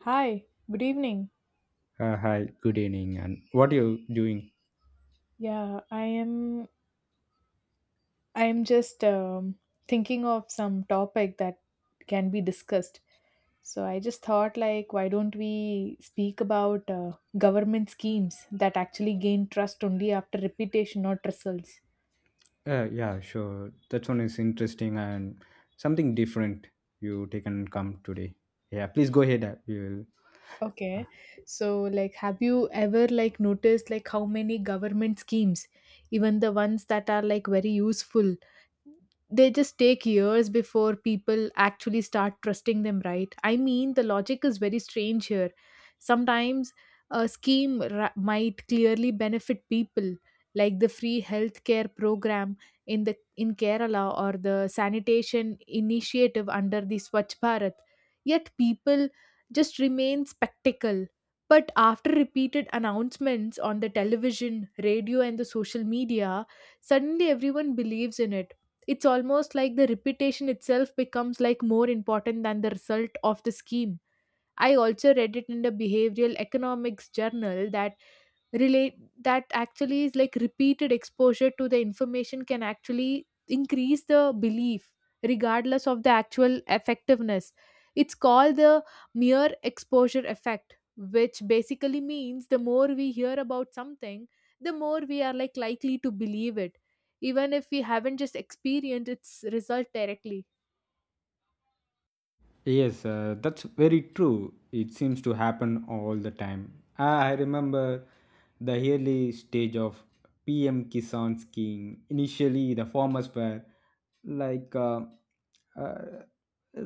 Hi, good evening. Hi, good evening, and what are you doing? Yeah, I am just thinking of some topic that can be discussed. So I just thought like why don't we speak about government schemes that actually gain trust only after reputation not results. Yeah, sure. That one is interesting and something different you taken come today. Yeah, please go ahead. We will. Okay. So like have you ever like noticed like how many government schemes, even the ones that are like very useful, they just take years before people actually start trusting them, right? I mean, the logic is very strange here sometimes. A might clearly benefit people like the free healthcare program in Kerala, or the sanitation initiative under the Swachh Bharat. Yet people just remain spectacle, but after repeated announcements on the television, radio, and the social media, suddenly everyone believes in it. It's almost like the repetition itself becomes like more important than the result of the scheme. I also read it in the behavioral economics journal that relate that actually is like repeated exposure to the information can actually increase the belief, regardless of the actual effectiveness. It's called the mere exposure effect, which basically means the more we hear about something, the more we are like likely to believe it, even if we haven't just experienced its result directly. Yes, that's very true. It seems to happen all the time. I remember the early stage of PM Kisan Scheme. Initially, the farmers were like uh,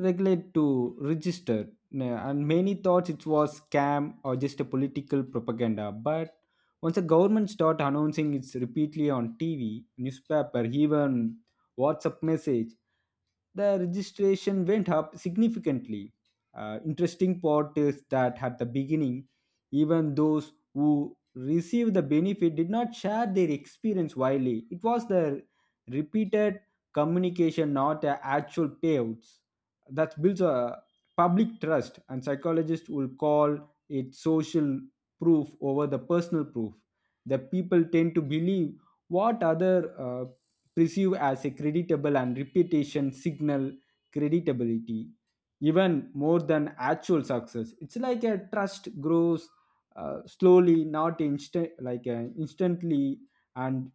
regulate to register, and many thought it was scam or just a political propaganda. But once the government started announcing it repeatedly on TV, newspaper, even WhatsApp message, the registration went up significantly. Interesting part is that at the beginning, even those who received the benefit did not share their experience widely. It was the repeated communication, not the actual payouts, that builds a public trust, and psychologists will call it social proof over the personal proof. The people tend to believe what other perceived as a creditable and reputation signal credibility even more than actual success. It's like a trust grows slowly, not instant like instantly, and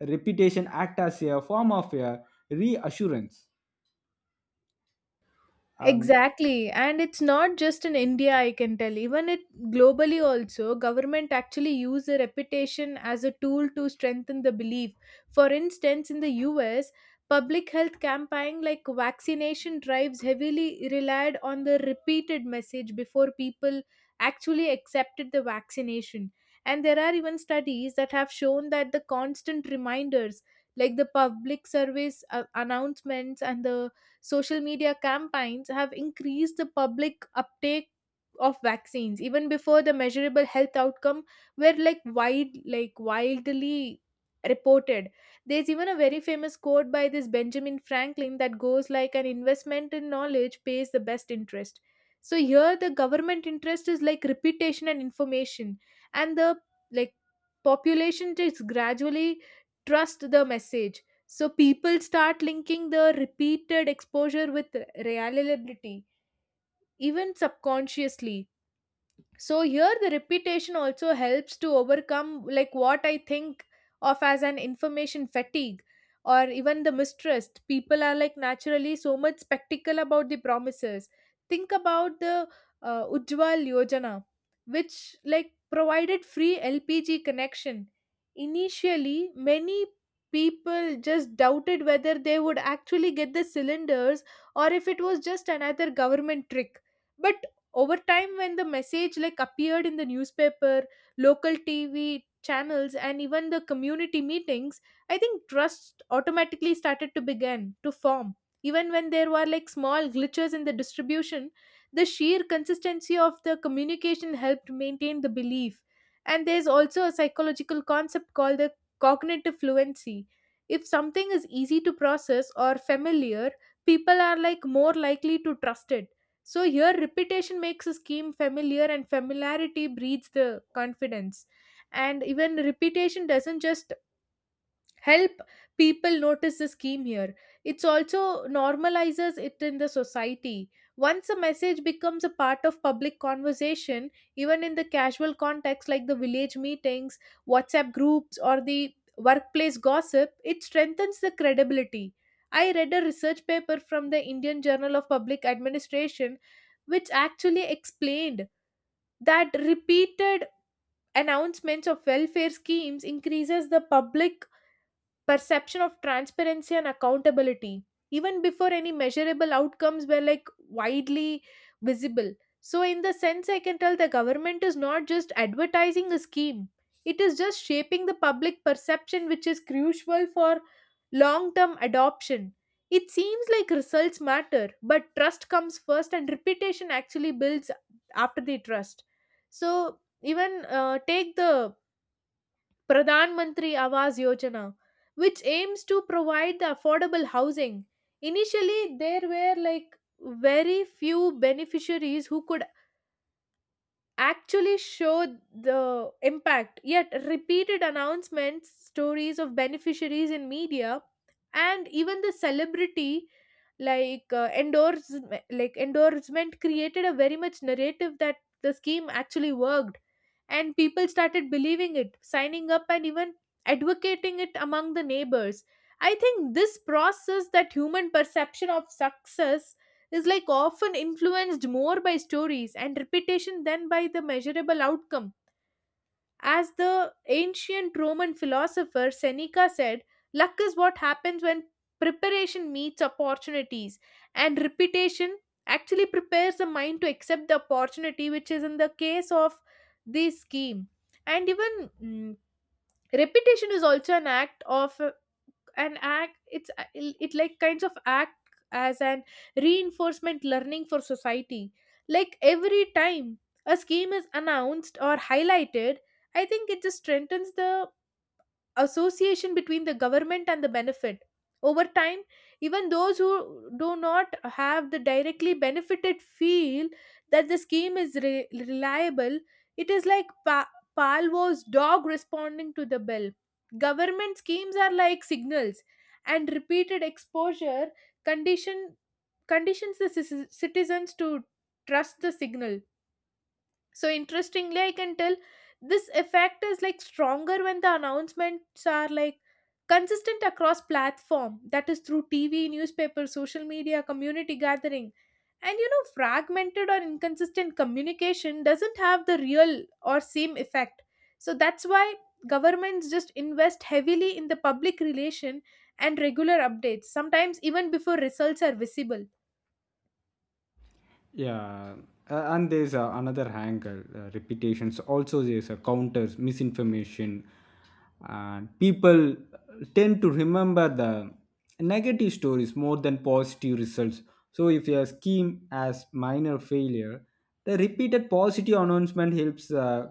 reputation act as a form of a reassurance and Exactly. And it's not just in India, I can tell. Even it globally also, government actually use a reputation as a tool to strengthen the belief. For instance, in the US, public health campaign like vaccination drives heavily relied on the repeated message before people actually accepted the vaccination. And there are even studies that have shown that the constant reminders, like the public service announcements and the social media campaigns, have increased the public uptake of vaccines even before the measurable health outcome were like widely reported. There's even a very famous quote by this Benjamin Franklin that goes like an investment in knowledge pays the best interest. So here the government interest is like reputation and information, and the, like, population is gradually trust the message. So people start linking the repeated exposure with reliability, even subconsciously. So here the repetition also helps to overcome like what I think of as an information fatigue or even the mistrust. People are like naturally so much spectacle about the promises. Think about the Ujjwal Yojana, which like provided free LPG connection. Initially many people just doubted whether they would actually get the cylinders, or if it was just another government trick. But over time, when the message like appeared in the newspaper, local TV channels, and even the community meetings, I think trust automatically started to begin to form. Even when there were like small glitches in the distribution, the sheer consistency of the communication helped maintain the belief. And there's also a psychological concept called the cognitive fluency. If something is easy to process or familiar, people are like more likely to trust it. So here, repetition makes a scheme familiar, and familiarity breeds the confidence. And even repetition doesn't just help people notice the scheme here, it's also normalizes it in the society. Once a message becomes a part of public conversation, even in the casual context like the village meetings, WhatsApp groups, or the workplace gossip, it strengthens the credibility. I read a research paper from the Indian Journal of Public Administration, which actually explained that repeated announcements of welfare schemes increases the public perception of transparency and accountability, even before any measurable outcomes were like widely visible. So in the sense I can tell the government is not just advertising a scheme, it is just shaping the public perception, which is crucial for long term adoption. It seems like results matter, but trust comes first and reputation actually builds after the trust. So even take the Pradhan Mantri Awas Yojana, which aims to provide the affordable housing. Initially, there were like very few beneficiaries who could actually show the impact. Yet, repeated announcements, stories of beneficiaries in media, and even the celebrity like endorsement created a very much narrative that the scheme actually worked, and people started believing it, signing up, and even advocating it among the neighbors. I think this process that human perception of success is like often influenced more by stories and reputation than by the measurable outcome. As the ancient Roman philosopher Seneca said, luck is what happens when preparation meets opportunities, and reputation actually prepares the mind to accept the opportunity, which is in the case of this scheme. And even repetition is also an act of and act it's it like kinds of act as an reinforcement learning for society. Like every time a scheme is announced or highlighted, I think it just strengthens the association between the government and the benefit. Over time, even those who do not have the directly benefited feel that the scheme is reliable. It is like Palvo's dog responding to the bell. Government schemes are like signals, and repeated exposure condition conditions the citizens to trust the signal. So interestingly, I can tell this effect is like stronger when the announcements are like consistent across platform, that is through TV, newspaper, social media, community gathering. And you know, fragmented or inconsistent communication doesn't have the real or same effect. So that's why governments just invest heavily in the public relation and regular updates, sometimes even before results are visible. yeah, and there's another angle repetitions. Also, there's a counters, misinformation, and people tend to remember the negative stories more than positive results. So, if your scheme has minor failure, the repeated positive announcement helps,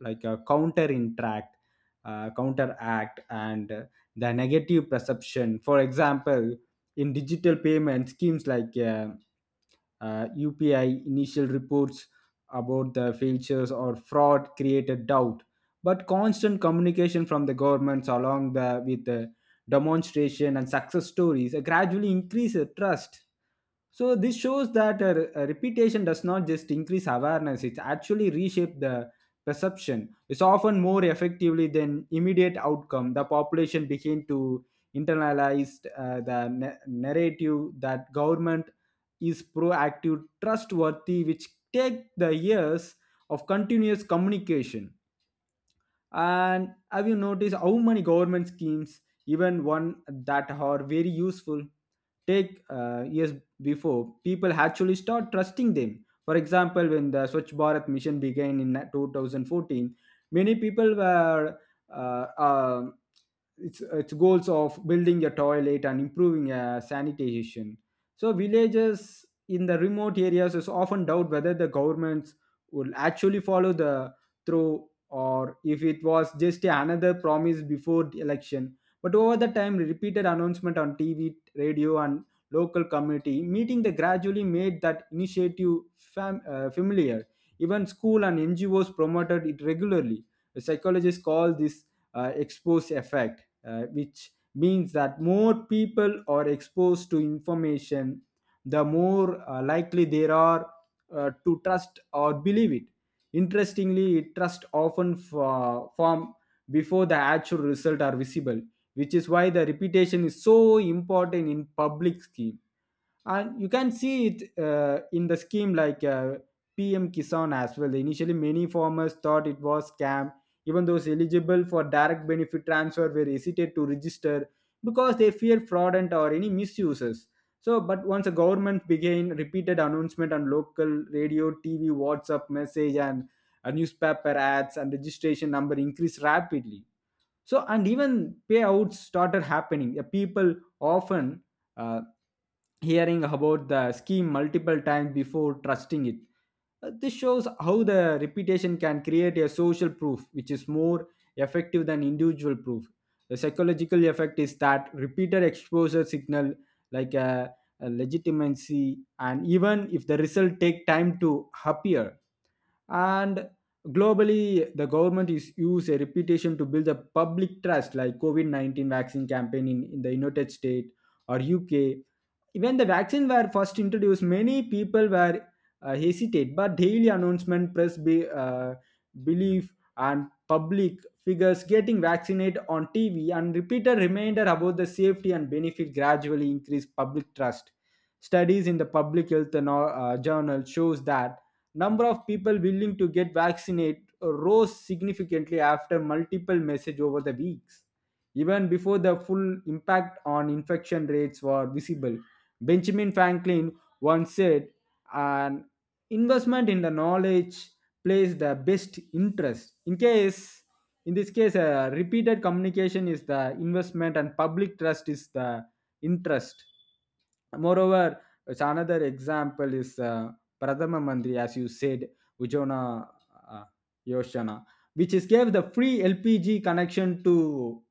like a counter interact, counteract, and the negative perception. For example, in digital payment schemes like UPI, initial reports about the failures or fraud created doubt. But constant communication from the governments, along with the demonstration and success stories, gradually increase the trust. So this shows that a reputation does not just increase awareness; it actually reshape the perception. It's often more effectively than immediate outcome. The population begin to internalized the narrative that government is proactive, trustworthy, which take the years of continuous communication. And have you noticed how many government schemes, even one that are very useful, take years before people actually start trusting them? For example, when the Swachh Bharat mission began in 2014, many people were uh, um its goals of building a toilet and improving sanitation. So villages in the remote areas is often doubt whether the governments will actually follow the through or if it was just another promise before the election. But over the time, repeated announcement on TV, radio, and local community meeting they gradually made that initiative familiar. Even school and NGOs promoted it regularly. Psychologists call this expose effect, which means that more people are exposed to information, the more likely they are to trust or believe it. Interestingly, trust often form before the actual result are visible, which is why the reputation is so important in public scheme. And you can see it in the scheme like PM Kisan as well. Initially, many farmers thought it was scam. Even those eligible for direct benefit transfer were hesitant to register because they fear fraudulent or any misuses. So but once the government began repeated announcement on local radio, TV, WhatsApp message, and newspaper ads, and registration number increased rapidly. So and even payouts started happening. The people often uh, hearing about the scheme multiple times before trusting it. This shows how the reputation can create a social proof which is more effective than individual proof. The psychological effect is that repeated exposure signal like a legitimacy, and even if the result take time to appear. And globally, the government is use a reputation to build a public trust, like covid-19 vaccine campaign in the United States or UK. When the vaccine were first introduced, many people were hesitant, but daily announcement, belief, and public figures getting vaccinated on TV and repeated reminder about the safety and benefit gradually increased public trust. Studies in the public health and journal shows that number of people willing to get vaccinated rose significantly after multiple message over the weeks, even before the full impact on infection rates were visible. Benjamin Franklin once said, an investment in the knowledge plays the best interest. In this case, repeated communication is the investment and public trust is the interest. Moreover, it's another example is Pradhama Mantri, as you said, Ujjona uh, Yoshana, which is gave the free LPG connection to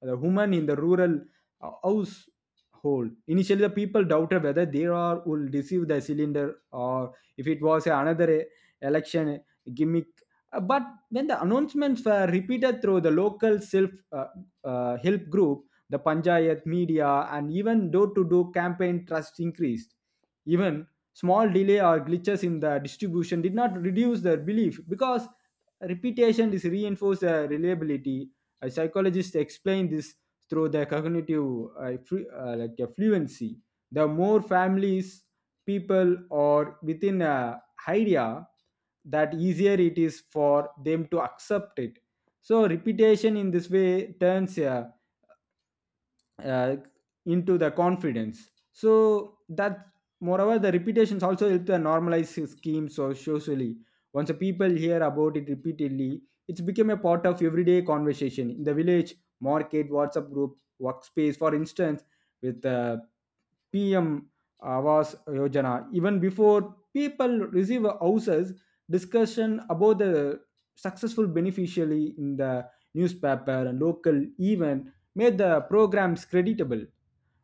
the woman in the rural household. Initially, the people doubted whether they are will receive the cylinder or if it was another election gimmick. But when the announcements were repeated through the local self help group, the panchayat, media, and even door to door campaign, trust increased. Even small delay or glitches in the distribution did not reduce their belief because repetition is reinforced reliability. A psychologist explained this through the cognitive fluency. The more families, people, or within a idea, that easier it is for them to accept it. So repetition in this way turns a uh, into the confidence. So that moreover the repetitions also help to normalize his scheme so socially. Once the people hear about it repeatedly, it's become a part of everyday conversation in the village market, WhatsApp group, workspace. For instance, with the PM Avas Yojana. Even before people receive houses, discussion about the successful beneficiary in the newspaper and local event made the programs creditable.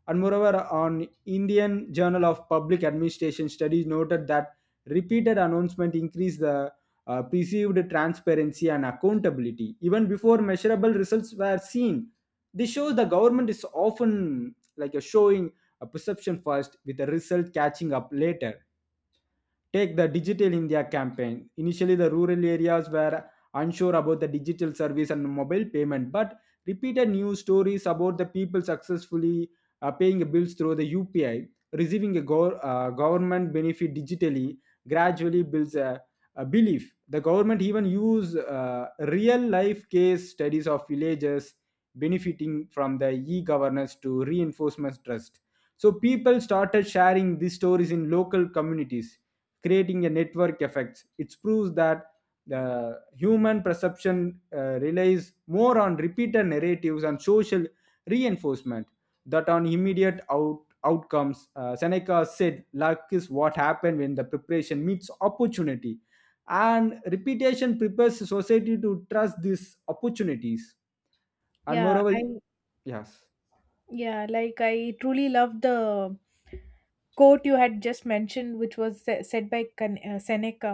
And moreover, on Indian Journal of Public Administration studies noted that repeated announcement increased the perceived transparency and accountability even before measurable results were seen. This shows the government is often like a showing a perception first with the result catching up later. Take the Digital India campaign. Initially, the rural areas were unsure about the digital service and mobile payment, but repeated news stories about the people successfully paying bills through the UPI, receiving a government benefit digitally, gradually builds a belief. The government even use real life case studies of villages benefiting from the e-governance to reinforcement trust. So people started sharing these stories in local communities, creating a network effects. It proves that the human perception relies more on repeated narratives and social reinforcement that on immediate outcomes. Seneca said, luck is what happens when the preparation meets opportunity. And repetition prepares society to trust these opportunities. And Yeah, moreover, I yes. yeah, like I truly love the quote you had just mentioned, which was said by Seneca.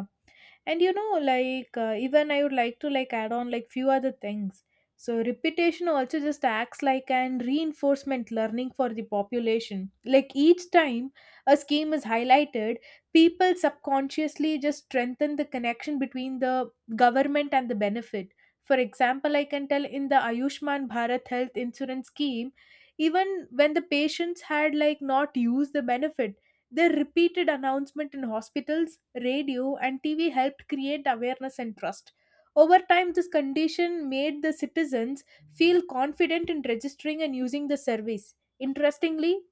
And you know like even I would like to like add on like few other things. So repetition also just acts like an reinforcement learning for the population. Like each time a scheme is highlighted, people subconsciously just strengthen the connection between the government and the benefit. For example, I can tell in the Ayushman Bharat health insurance scheme, even when the patients had like not used the benefit, their repeated announcement in hospitals, radio, and TV helped create awareness and trust. Over time, this condition made the citizens feel confident in registering and using the service. Interestingly,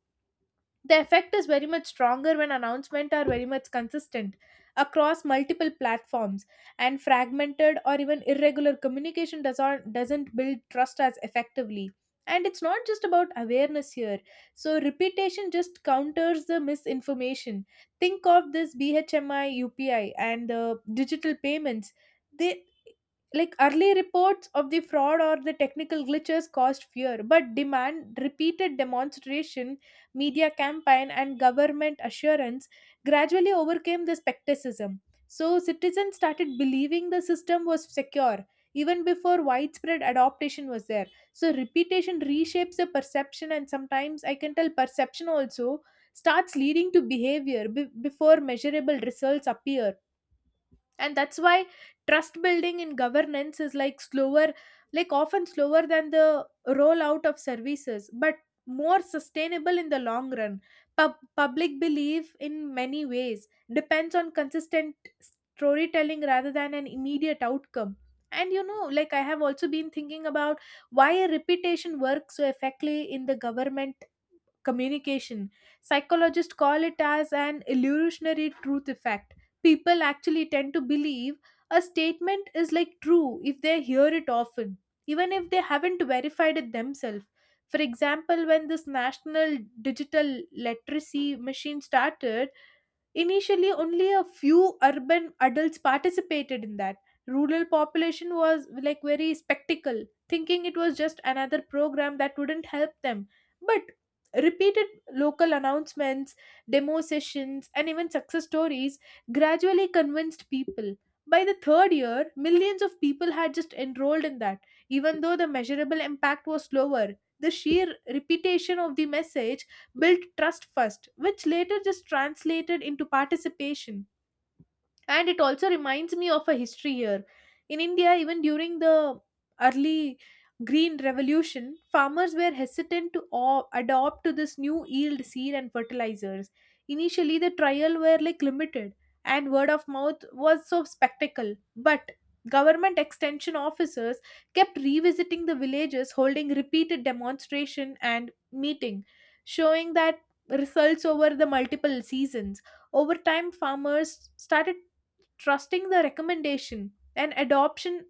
the effect is very much stronger when announcements are very much consistent across multiple platforms, and fragmented or even irregular communication does not, doesn't build trust as effectively. And it's not just about awareness here. So, repetition just counters the misinformation. Think of this BHMIUPI and the digital payments. They like early reports of the fraud or the technical glitches caused fear, but demand repeated demonstration, media campaign, and government assurance gradually overcame the skepticism. So citizens started believing the system was secure even before widespread adoption was there. So repetition reshapes the perception, and sometimes I can tell perception also starts leading to behavior before measurable results appear. And that's why trust building in governance is like slower, like often slower than the rollout of services, but more sustainable in the long run. Public belief in many ways depends on consistent storytelling rather than an immediate outcome. And you know like I have also been thinking about why a reputation works so effectively in the government communication. Psychologists call it as an illusionary truth effect. People actually tend to believe a statement is like true if they hear it often, even if they haven't verified it themselves. For example, when this national digital literacy machine started, initially, only a few urban adults participated in that. Rural population was like very spectacle, thinking it was just another program that wouldn't help them. But repeated local announcements, demo sessions, and even success stories gradually convinced people. By the third year, millions of people had just enrolled in that. Even though the measurable impact was slower, the sheer repetition of the message built trust first, which later just translated into participation. And it also reminds me of a history here. In India, even during the early green revolution, farmers were hesitant to adopt to this new yield seed and fertilizers. Initially the trial were like limited, and word of mouth was so spectacle, but government extension officers kept revisiting the villages, holding repeated demonstration and meeting, showing that results over the multiple seasons. Over time farmers started trusting the recommendation and adoption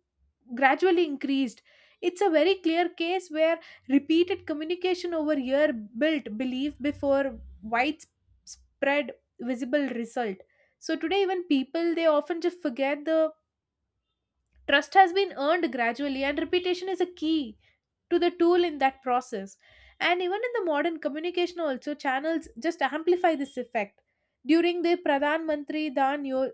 gradually increased. It's a very clear case where repeated communication over year built belief before widespread visible result. So today even people they often just forget the trust has been earned gradually, and repetition is a key to the tool in that process. And even in the modern communication also channels just amplify this effect. During the pradhan mantri dan Yo-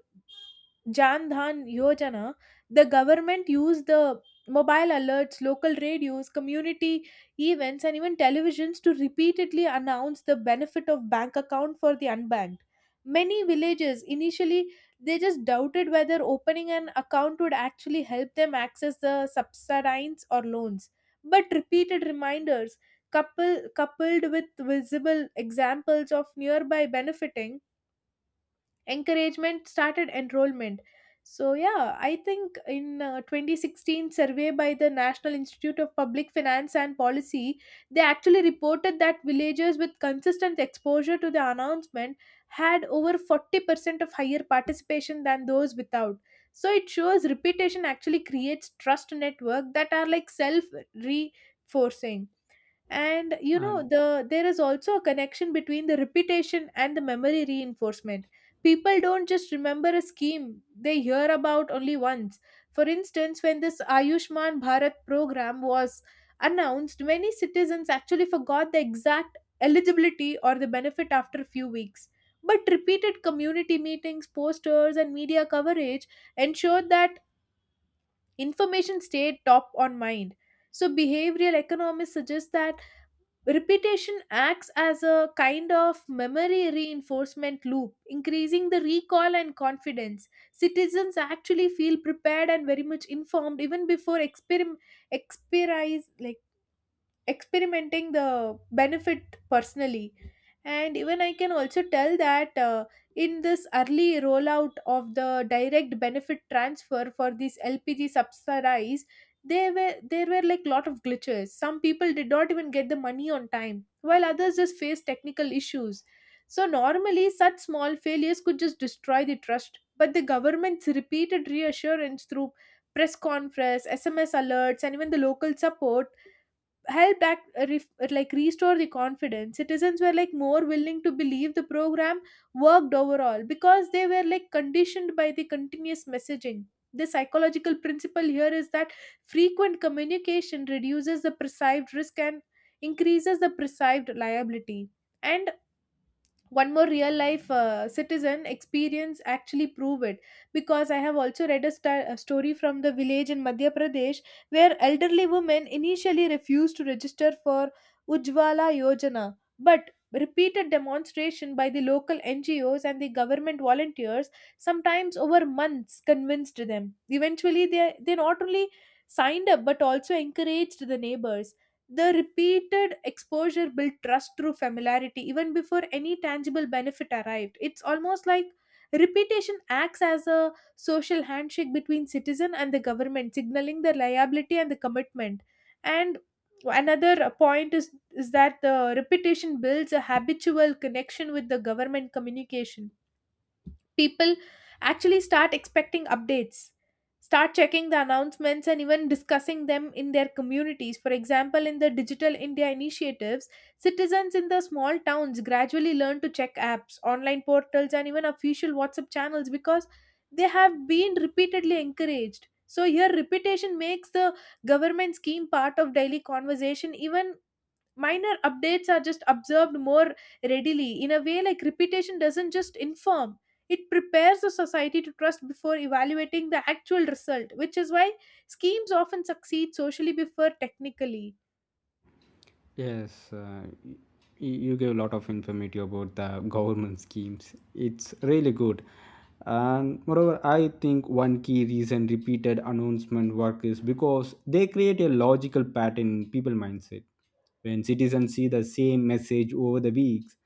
Jan Dhan Yojana, the government used the mobile alerts, local radios, community events, and even televisions to repeatedly announce the benefit of bank account for the unbanked. Many villages initially they just doubted whether opening an account would actually help them access the subsidies or loans. But repeated reminders coupled with visible examples of nearby benefiting encouragement started enrollment. So yeah, I think in 2016 survey by the National Institute of Public Finance and Policy, they actually reported that villagers with consistent exposure to the announcement had over 40% of higher participation than those without. So it shows repetition actually creates trust network that are like self reinforcing. And And there is also a connection between the repetition and the memory reinforcement. People don't just remember a scheme they hear about only once. For instance, when this Ayushman Bharat program was announced, many citizens actually forgot the exact eligibility or the benefit after a few weeks, but repeated community meetings, posters and media coverage ensured that information stayed top on mind. So behavioral economists suggest that repetition acts as a kind of memory reinforcement loop, increasing the recall and confidence. Citizens actually feel prepared and very much informed even before experience, like experimenting the benefit personally. And even I can also tell that in this early rollout of the direct benefit transfer for these LPG subsidies, there were like lot of glitches. Some people did not even get the money on time, while others just faced technical issues. So normally such small failures could just destroy the trust, but the government's repeated reassurance through press conference, SMS alerts and even the local support help back like restore the confidence. Citizens were like more willing to believe the program worked overall because they were like conditioned by the continuous messaging. The psychological principle here is that frequent communication reduces the perceived risk and increases the perceived liability. And one more real life citizen experience actually prove it, because I have also read a story from the village in Madhya Pradesh where elderly women initially refused to register for Ujjwala Yojana. But repeated demonstration by the local NGOs and the government volunteers, sometimes over months, convinced them. Eventually, they not only signed up but also encouraged the neighbors. The repeated exposure built trust through familiarity even before any tangible benefit arrived. It's almost like repetition acts as a social handshake between citizen and the government, signaling the liability and the commitment. And another point is that the repetition builds a habitual connection with the government communication. People actually start expecting updates, start checking the announcements and even discussing them in their communities. For example, in the Digital India initiatives, citizens in the small towns gradually learn to check apps, online portals and even official WhatsApp channels because they have been repeatedly encouraged. So here repetition makes the government scheme part of daily conversation. Even minor updates are just observed more readily. In a way, like repetition doesn't just inform, it prepares the society to trust before evaluating the actual result, which is why schemes often succeed socially before technically. yes, you gave a lot of information about the government schemes. It's really good. And moreover, I think one key reason repeated announcement work is because they create a logical pattern in people mindset. When citizens see the same message over the weeks,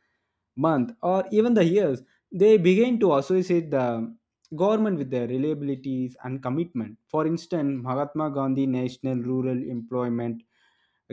month, or even the years, they begin to associate the government with their reliabilities and commitment. For instance, Mahatma Gandhi National Rural Employment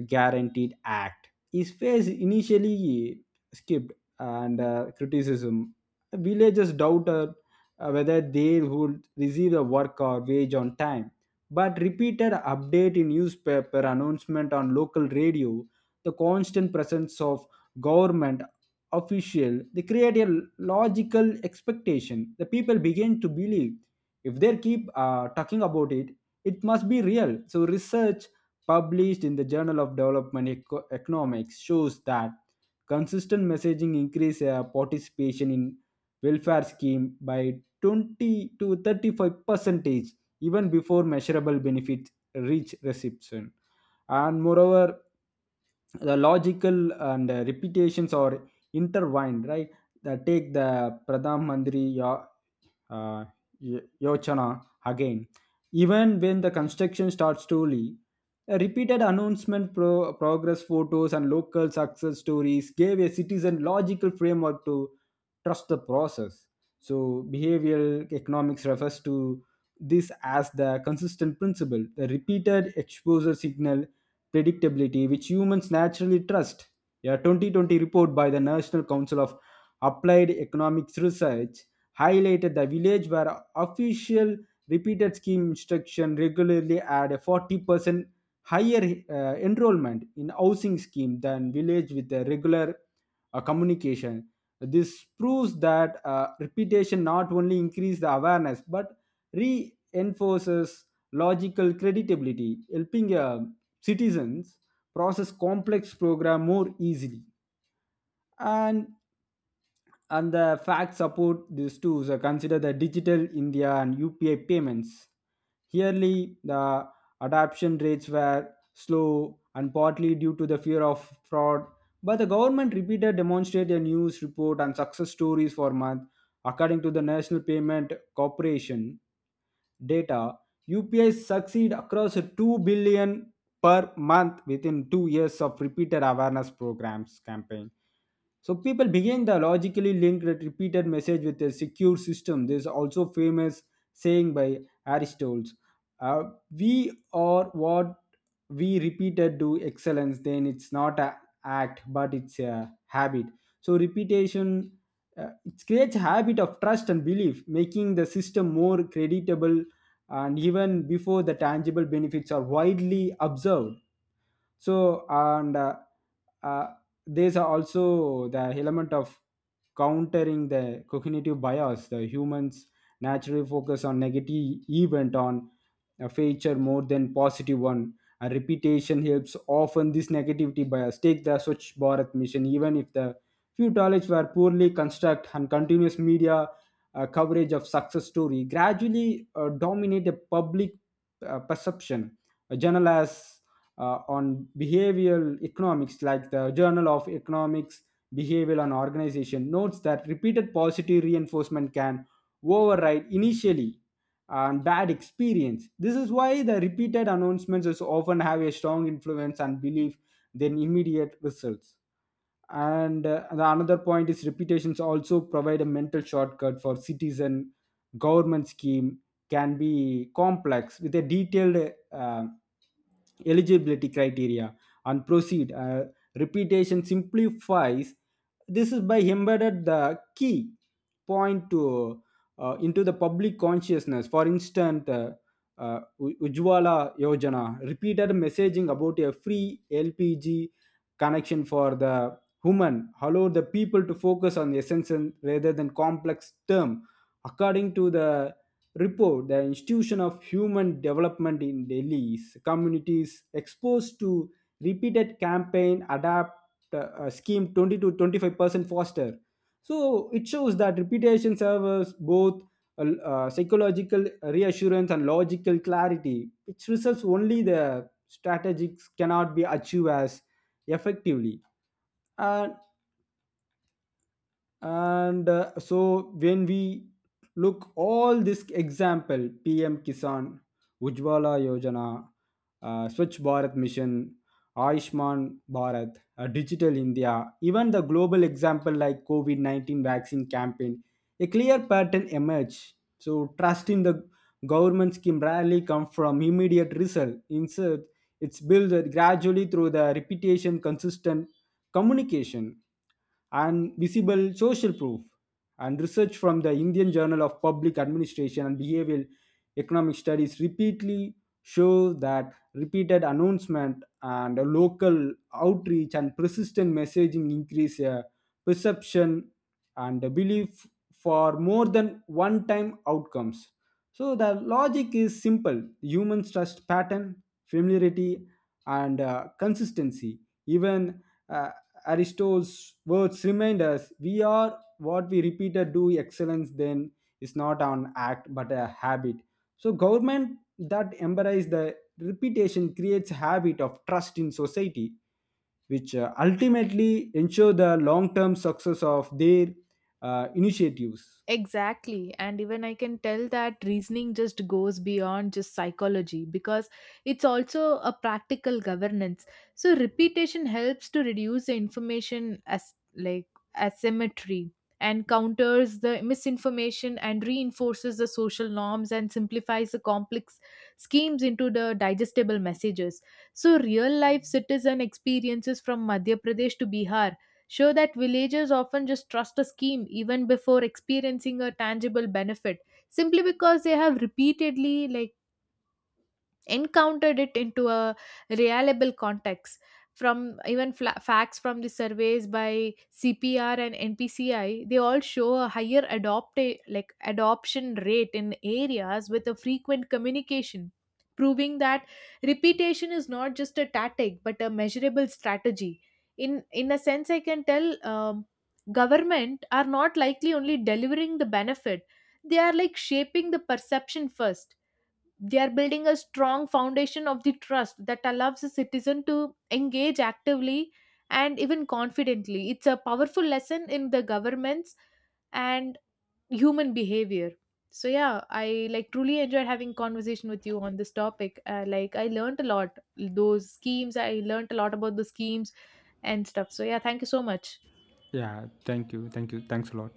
Guaranteed Act is phase initially skipped and criticism. Villagers doubted whether they would receive a work or wage on time. But repeated update in newspaper, announcement on local radio, the constant presence of government official, they create a logical expectation. The people begin to believe, if they keep talking about it, it must be real. So research published in the journal of development economics shows that consistent messaging increase participation in welfare scheme by 20 to 35 percentage even before measurable benefits reach reception. And moreover, the logical and repetitions are intertwined, right? Take the pradhan mandri uh, Yochana again. Even when the construction starts slowly, a repeated announcement, progress photos, and local success stories gave a citizen logical framework to trust the process. So, behavioral economics refers to this as the consistent principle, the repeated exposure signal predictability, which humans naturally trust. A 2020 report by the National Council of Applied Economics Research highlighted the village where official repeated scheme instruction regularly had a 40% higher enrollment in housing scheme than village with a regular communication. This proves that repetition not only increases the awareness but reinforces logical credibility, helping citizens process complex program more easily. and and the facts support this too. So consider the Digital India and UPI payments. Yearly, the adoption rates were slow and partly due to the fear of fraud, but the government repeated demonstrated a news report and success stories for month. According to the national payment corporation data, UPI succeed across 2 billion per month within 2 years of repeated awareness programs campaign. So people begin the logically linked repeated message with a secure system. There is also famous saying by Aristotle, uh, "We are what we repeated do excellence." Then it's not a act, but it's a habit. So repetition it creates a habit of trust and belief, making the system more creditable, and even before the tangible benefits are widely observed. So and uh, uh, there's also the element of countering the cognitive bias. The humans naturally focus on negative event on a feature more than positive one. A reputation helps often this negativity bias. Take the Swachh Bharat mission. Even if the few toilets were poorly constructed, and continuous media coverage of success story gradually dominate the public perception. A journalist on behavioral economics, like the Journal of Economics, Behavioral and Organization, notes that repeated positive reinforcement can override initially and bad experience. This is why the repeated announcements is often have a strong influence and belief than immediate results. And the another point is reputations also provide a mental shortcut for citizen. Government scheme can be complex with a detailed eligibility criteria and proceed. Reputation simplifies this is by embedded the key point to into the public consciousness. For instance, Ujjwala Yojana repeated messaging about a free LPG connection for the Human allow the people to focus on the essence and- rather than complex term. According to the report, the institution of human development in Delhi's communities exposed to repeated campaign adapt scheme 20 to 25% faster. So it shows that repetition serves both a psychological reassurance and logical clarity, which results only the strategies cannot be achieved as effectively. And and so when we look all this example, PM Kisan, Ujjwala Yojana, Swachh Bharat mission, Ayushman Bharat, Digital India, even the global example like covid-19 vaccine campaign, a clear pattern emerge. So trust in the government scheme rarely come from immediate result. Instead, it's built gradually through the repetition, consistent communication, and visible social proof. And research from the Indian Journal of Public Administration and Behavioral Economic Studies repeatedly show that repeated announcement and local outreach and persistent messaging increase a perception and a belief for more than one time outcomes. So the logic is simple: humans trust pattern, familiarity, and consistency. Even uh, Aristotle's words remind us, we are what we repeated do excellence, then is not an act but a habit. So government that embrace the repetition creates habit of trust in society, which ultimately ensure the long-term success of their initiatives. Exactly. And even I can tell that reasoning just goes beyond just psychology, because it's also a practical governance. So repetition helps to reduce the information as like asymmetry, and counters the misinformation and reinforces the social norms and simplifies the complex schemes into the digestible messages. So real life citizen experiences from Madhya Pradesh to Bihar show that villagers often just trust a scheme even before experiencing a tangible benefit, simply because they have repeatedly like encountered it into a reliable context. From even facts from the surveys by CPR and NPCI, they all show a higher adopt like adoption rate in areas with a frequent communication, proving that repetition is not just a tactic but a measurable strategy. In a sense, I can tell government are not likely only delivering the benefit, they are like shaping the perception first. They are building a strong foundation of the trust that allows a citizen to engage actively and even confidently. It's a powerful lesson in the governments and human behavior. So yeah, I like truly enjoyed having conversation with you on this topic. Like I learned a lot, those schemes. I learned a lot about the schemes and stuff. So yeah, thank you so much. Yeah, thank you. Thank you. Thanks a lot.